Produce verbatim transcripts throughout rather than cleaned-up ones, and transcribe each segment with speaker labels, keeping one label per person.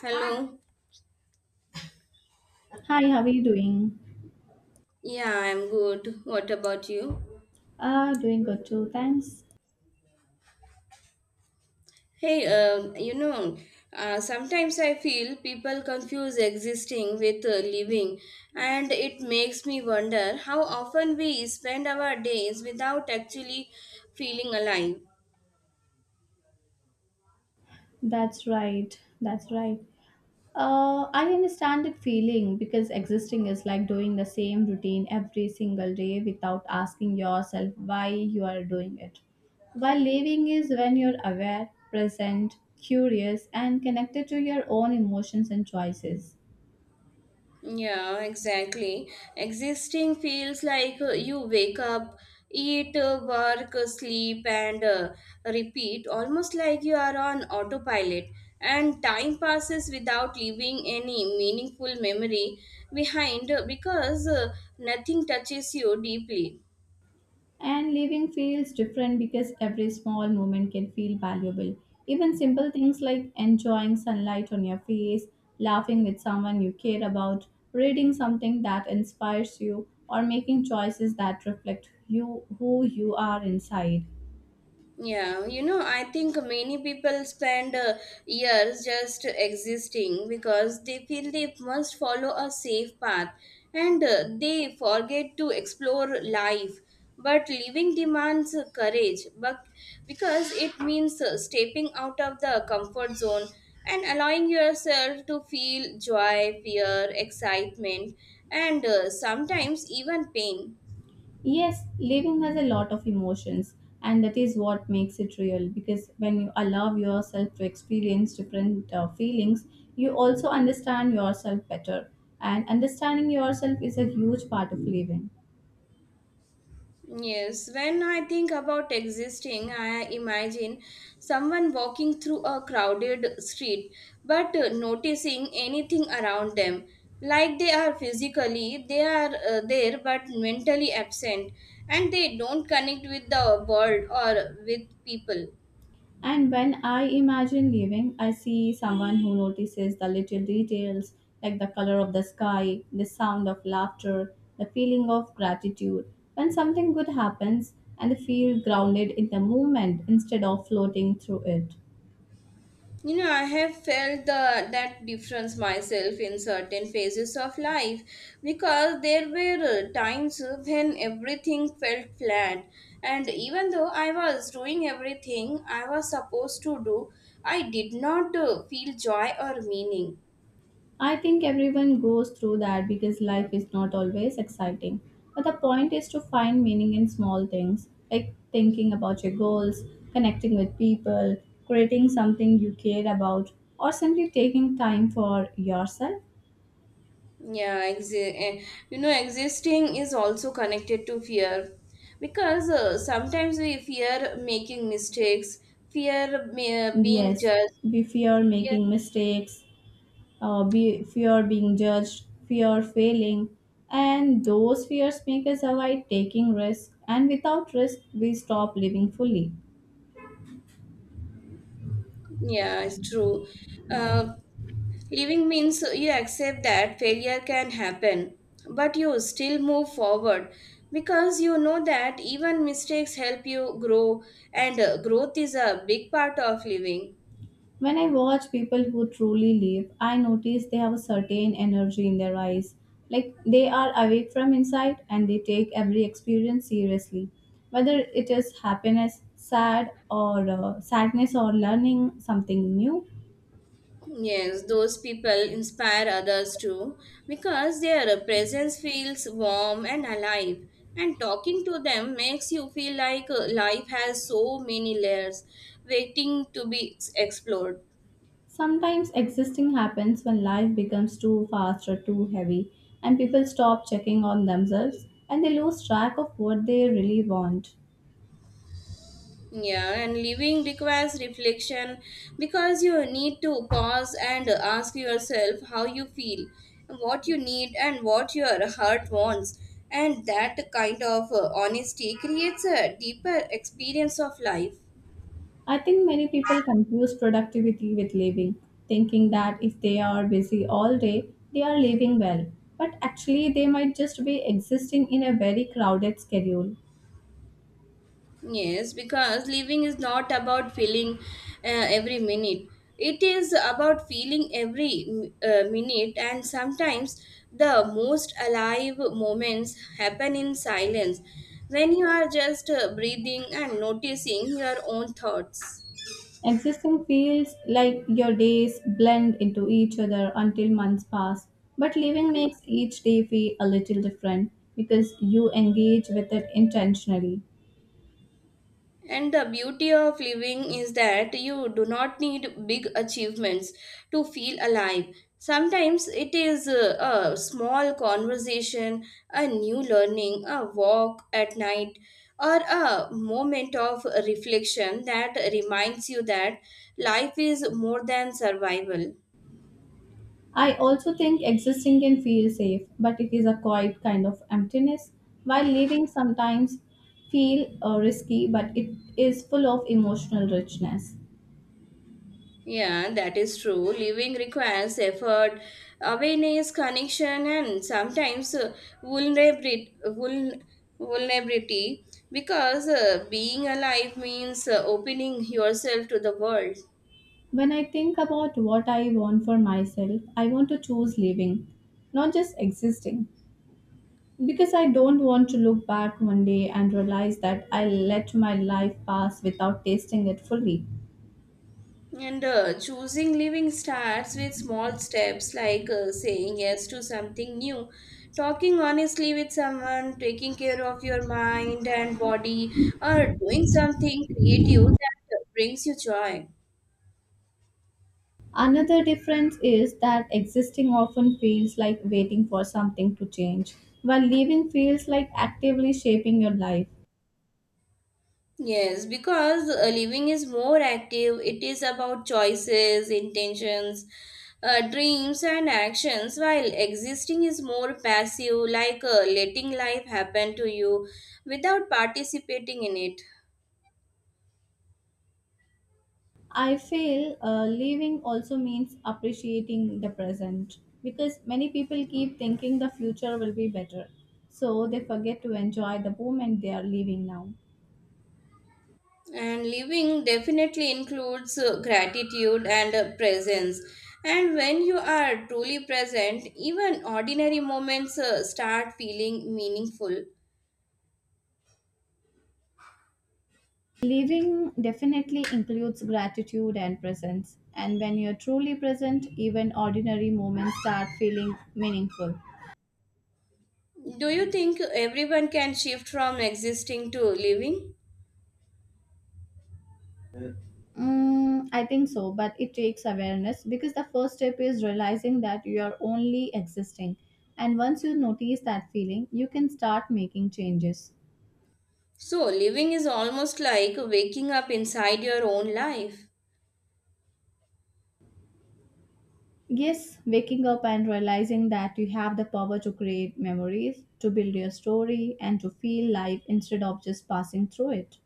Speaker 1: Hello.
Speaker 2: Hi, how are you doing?
Speaker 1: Yeah, I'm good. What about you?
Speaker 2: Uh, doing good too, thanks.
Speaker 1: Hey, uh, you know, uh, sometimes I feel people confuse existing with uh, living, and it makes me wonder how often we spend our days without actually feeling alive.
Speaker 2: That's right, that's right. Uh, I understand that feeling because existing is like doing the same routine every single day without asking yourself why you are doing it. While living is when you're aware, present, curious, and connected to your own emotions and choices.
Speaker 1: Yeah, exactly. Existing feels like uh, you wake up, eat, uh, work, uh, sleep, and uh, repeat, almost like you are on autopilot. And time passes without leaving any meaningful memory behind uh, because uh, nothing touches you deeply.
Speaker 2: And living feels different because every small moment can feel valuable. Even simple things like enjoying sunlight on your face, laughing with someone you care about, reading something that inspires you, or making choices that reflect you who you are inside.
Speaker 1: Yeah, you know, I think many people spend uh, years just existing because they feel they must follow a safe path and uh, they forget to explore life. But living demands uh, courage but because it means uh, stepping out of the comfort zone and allowing yourself to feel joy, fear, excitement, and uh, sometimes even pain.
Speaker 2: Yes, living has a lot of emotions, and that is what makes it real because when you allow yourself to experience different uh, feelings, you also understand yourself better. And understanding yourself is a huge part of living.
Speaker 1: Yes, when I think about existing, I imagine someone walking through a crowded street but uh, noticing anything around them. Like they are physically, they are uh, there but mentally absent and they don't connect with the world or with people.
Speaker 2: And when I imagine living, I see someone who notices the little details like the color of the sky, the sound of laughter, the feeling of gratitude. When something good happens, and feel grounded in the moment instead of floating through it.
Speaker 1: You know, I have felt the that difference myself in certain phases of life because there were uh, times when everything felt flat, and even though I was doing everything I was supposed to do, I did not uh, feel joy or meaning.
Speaker 2: I think everyone goes through that because life is not always exciting. But the point is to find meaning in small things, like thinking about your goals, connecting with people, creating something you care about, or simply taking time for yourself.
Speaker 1: Yeah, exi- eh, you know, Existing is also connected to fear because uh, sometimes we fear making mistakes, fear uh, being
Speaker 2: Yes,
Speaker 1: judged.
Speaker 2: we fear making mistakes, uh, be, fear being judged, fear failing, and those fears make us avoid taking risks, and without risk, we stop living fully.
Speaker 1: Yeah, it's true. Uh, Living means you accept that failure can happen, but you still move forward because you know that even mistakes help you grow, and uh, growth is a big part of living.
Speaker 2: When I watch people who truly live, I notice they have a certain energy in their eyes. Like they are awake from inside and they take every experience seriously. Whether it is happiness, sad, or uh, sadness, or learning something new.
Speaker 1: Yes, those people inspire others too because their presence feels warm and alive. And talking to them makes you feel like uh, life has so many layers waiting to be explored.
Speaker 2: Sometimes existing happens when life becomes too fast or too heavy, and people stop checking on themselves and they lose track of what they really want.
Speaker 1: Yeah, and living requires reflection because you need to pause and ask yourself how you feel, what you need, and what your heart wants. And that kind of uh, honesty creates a deeper experience of life.
Speaker 2: I think many people confuse productivity with living, thinking that if they are busy all day, they are living well. But actually, they might just be existing in a very crowded schedule.
Speaker 1: Yes, because living is not about feeling uh, every minute. It is about feeling every mm, uh, minute, and sometimes the most alive moments happen in silence when you are just uh, breathing and noticing your own thoughts.
Speaker 2: Existing feels like your days blend into each other until months pass, but living makes each day feel a little different because you engage with it intentionally.
Speaker 1: And the beauty of living is that you do not need big achievements to feel alive. Sometimes it is uh, a small conversation, a new learning, a walk at night, or a moment of reflection that reminds you that life is more than survival.
Speaker 2: I also think existing can feel safe, but it is a quiet kind of emptiness, while living sometimes feel uh, risky, but it is full of emotional richness.
Speaker 1: Yeah, that is true. Living requires effort, awareness, connection, and sometimes uh, vulnerability. Vuln- vulnerability because uh, being alive means uh, opening yourself to the world.
Speaker 2: When I think about what I want for myself, I want to choose living, not just existing, because I don't want to look back one day and realize that I let my life pass without tasting it fully.
Speaker 1: And uh, choosing living starts with small steps like uh, saying yes to something new, talking honestly with someone, taking care of your mind and body, or doing something creative that uh, brings you joy.
Speaker 2: Another difference is that existing often feels like waiting for something to change, while living feels like actively shaping your life.
Speaker 1: Yes, because uh, living is more active. It is about choices, intentions, uh, dreams, and actions, while existing is more passive, like uh, letting life happen to you without participating in it.
Speaker 2: I feel uh, living also means appreciating the present because many people keep thinking the future will be better, so they forget to enjoy the moment they are living now.
Speaker 1: And living definitely includes uh, gratitude and uh, presence. And when you are truly present, even ordinary moments uh, start feeling meaningful.
Speaker 2: Living definitely includes gratitude and presence, and when you're truly present, even ordinary moments start feeling meaningful.
Speaker 1: Do you think everyone can shift from existing to living?
Speaker 2: Mm, I think so, but it takes awareness because the first step is realizing that you are only existing. And once you notice that feeling, you can start making changes.
Speaker 1: So, living is almost like waking up inside your own life.
Speaker 2: Yes, waking up and realizing that you have the power to create memories, to build your story, and to feel life instead of just passing through it.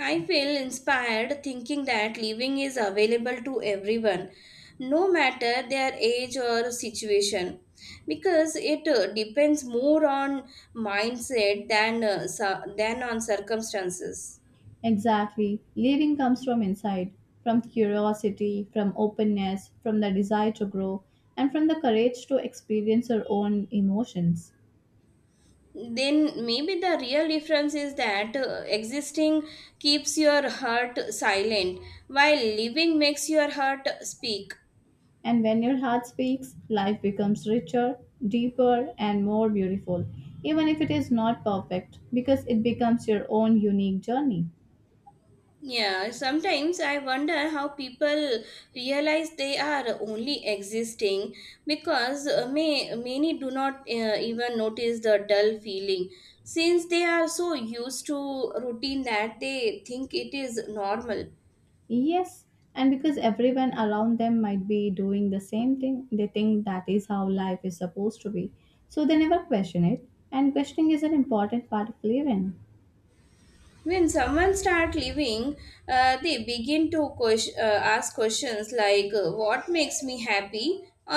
Speaker 1: I feel inspired thinking that living is available to everyone, no matter their age or situation, because it uh, depends more on mindset than, uh, su- than on circumstances.
Speaker 2: Exactly. Living comes from inside, from curiosity, from openness, from the desire to grow, and from the courage to experience your own emotions.
Speaker 1: Then maybe the real difference is that uh, existing keeps your heart silent while living makes your heart speak.
Speaker 2: And when your heart speaks, life becomes richer, deeper, and more beautiful, even if it is not perfect, because it becomes your own unique journey.
Speaker 1: Yeah, sometimes I wonder how people realize they are only existing because uh, may, many do not uh, even notice the dull feeling since they are so used to routine that they think it is normal.
Speaker 2: Yes, and because everyone around them might be doing the same thing, they think that is how life is supposed to be. So they never question it, and questioning is an important part of living.
Speaker 1: When someone start living, uh, they begin to ques- uh, ask questions like uh, what makes me happy,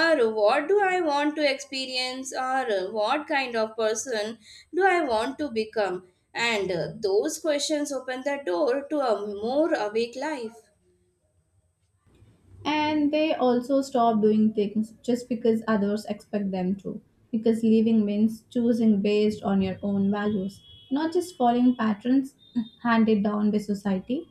Speaker 1: or what do I want to experience, or uh, what kind of person do I want to become. And uh, those questions open the door to a more awake life.
Speaker 2: And they also stop doing things just because others expect them to. Because living means choosing based on your own values, not just following patterns handed down by society.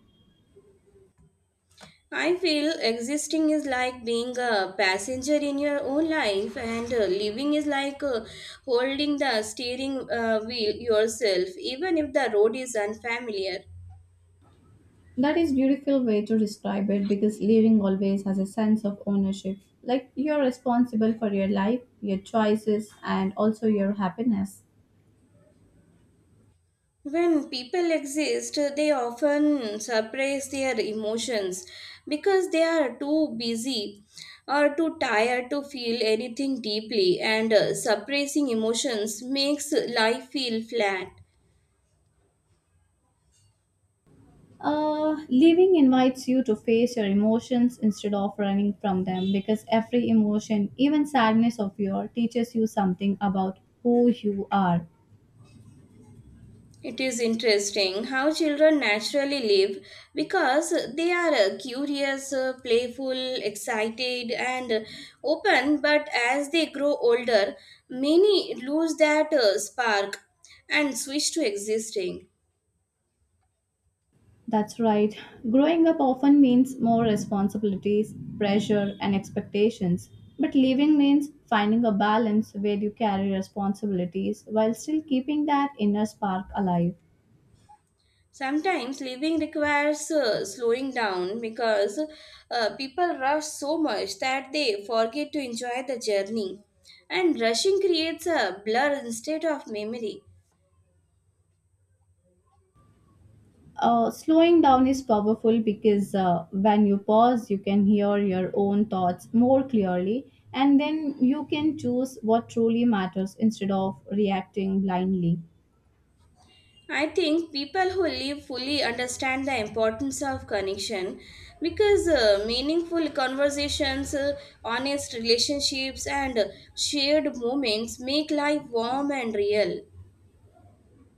Speaker 1: I feel existing is like being a passenger in your own life, and uh, living is like uh, holding the steering uh, wheel yourself, even if the road is unfamiliar.
Speaker 2: That is beautiful way to describe it because living always has a sense of ownership. Like you're responsible for your life, your choices, and also your happiness.
Speaker 1: When people exist, they often suppress their emotions because they are too busy or too tired to feel anything deeply, and uh, suppressing emotions makes life feel flat.
Speaker 2: Uh, living invites you to face your emotions instead of running from them because every emotion, even sadness of your, teaches you something about who you are.
Speaker 1: It is interesting how children naturally live because they are uh, curious, uh, playful, excited, and uh, open. But as they grow older, many lose that uh, spark and switch to existing.
Speaker 2: That's right. Growing up often means more responsibilities, pressure, and expectations. But living means finding a balance where you carry responsibilities while still keeping that inner spark alive.
Speaker 1: Sometimes living requires uh, slowing down because uh, people rush so much that they forget to enjoy the journey. And rushing creates a blur instead of memory.
Speaker 2: Uh, slowing down is powerful because uh, when you pause, you can hear your own thoughts more clearly, and then you can choose what truly matters instead of reacting blindly.
Speaker 1: I think people who live fully understand the importance of connection because uh, meaningful conversations, uh, honest relationships, and shared moments make life warm and real.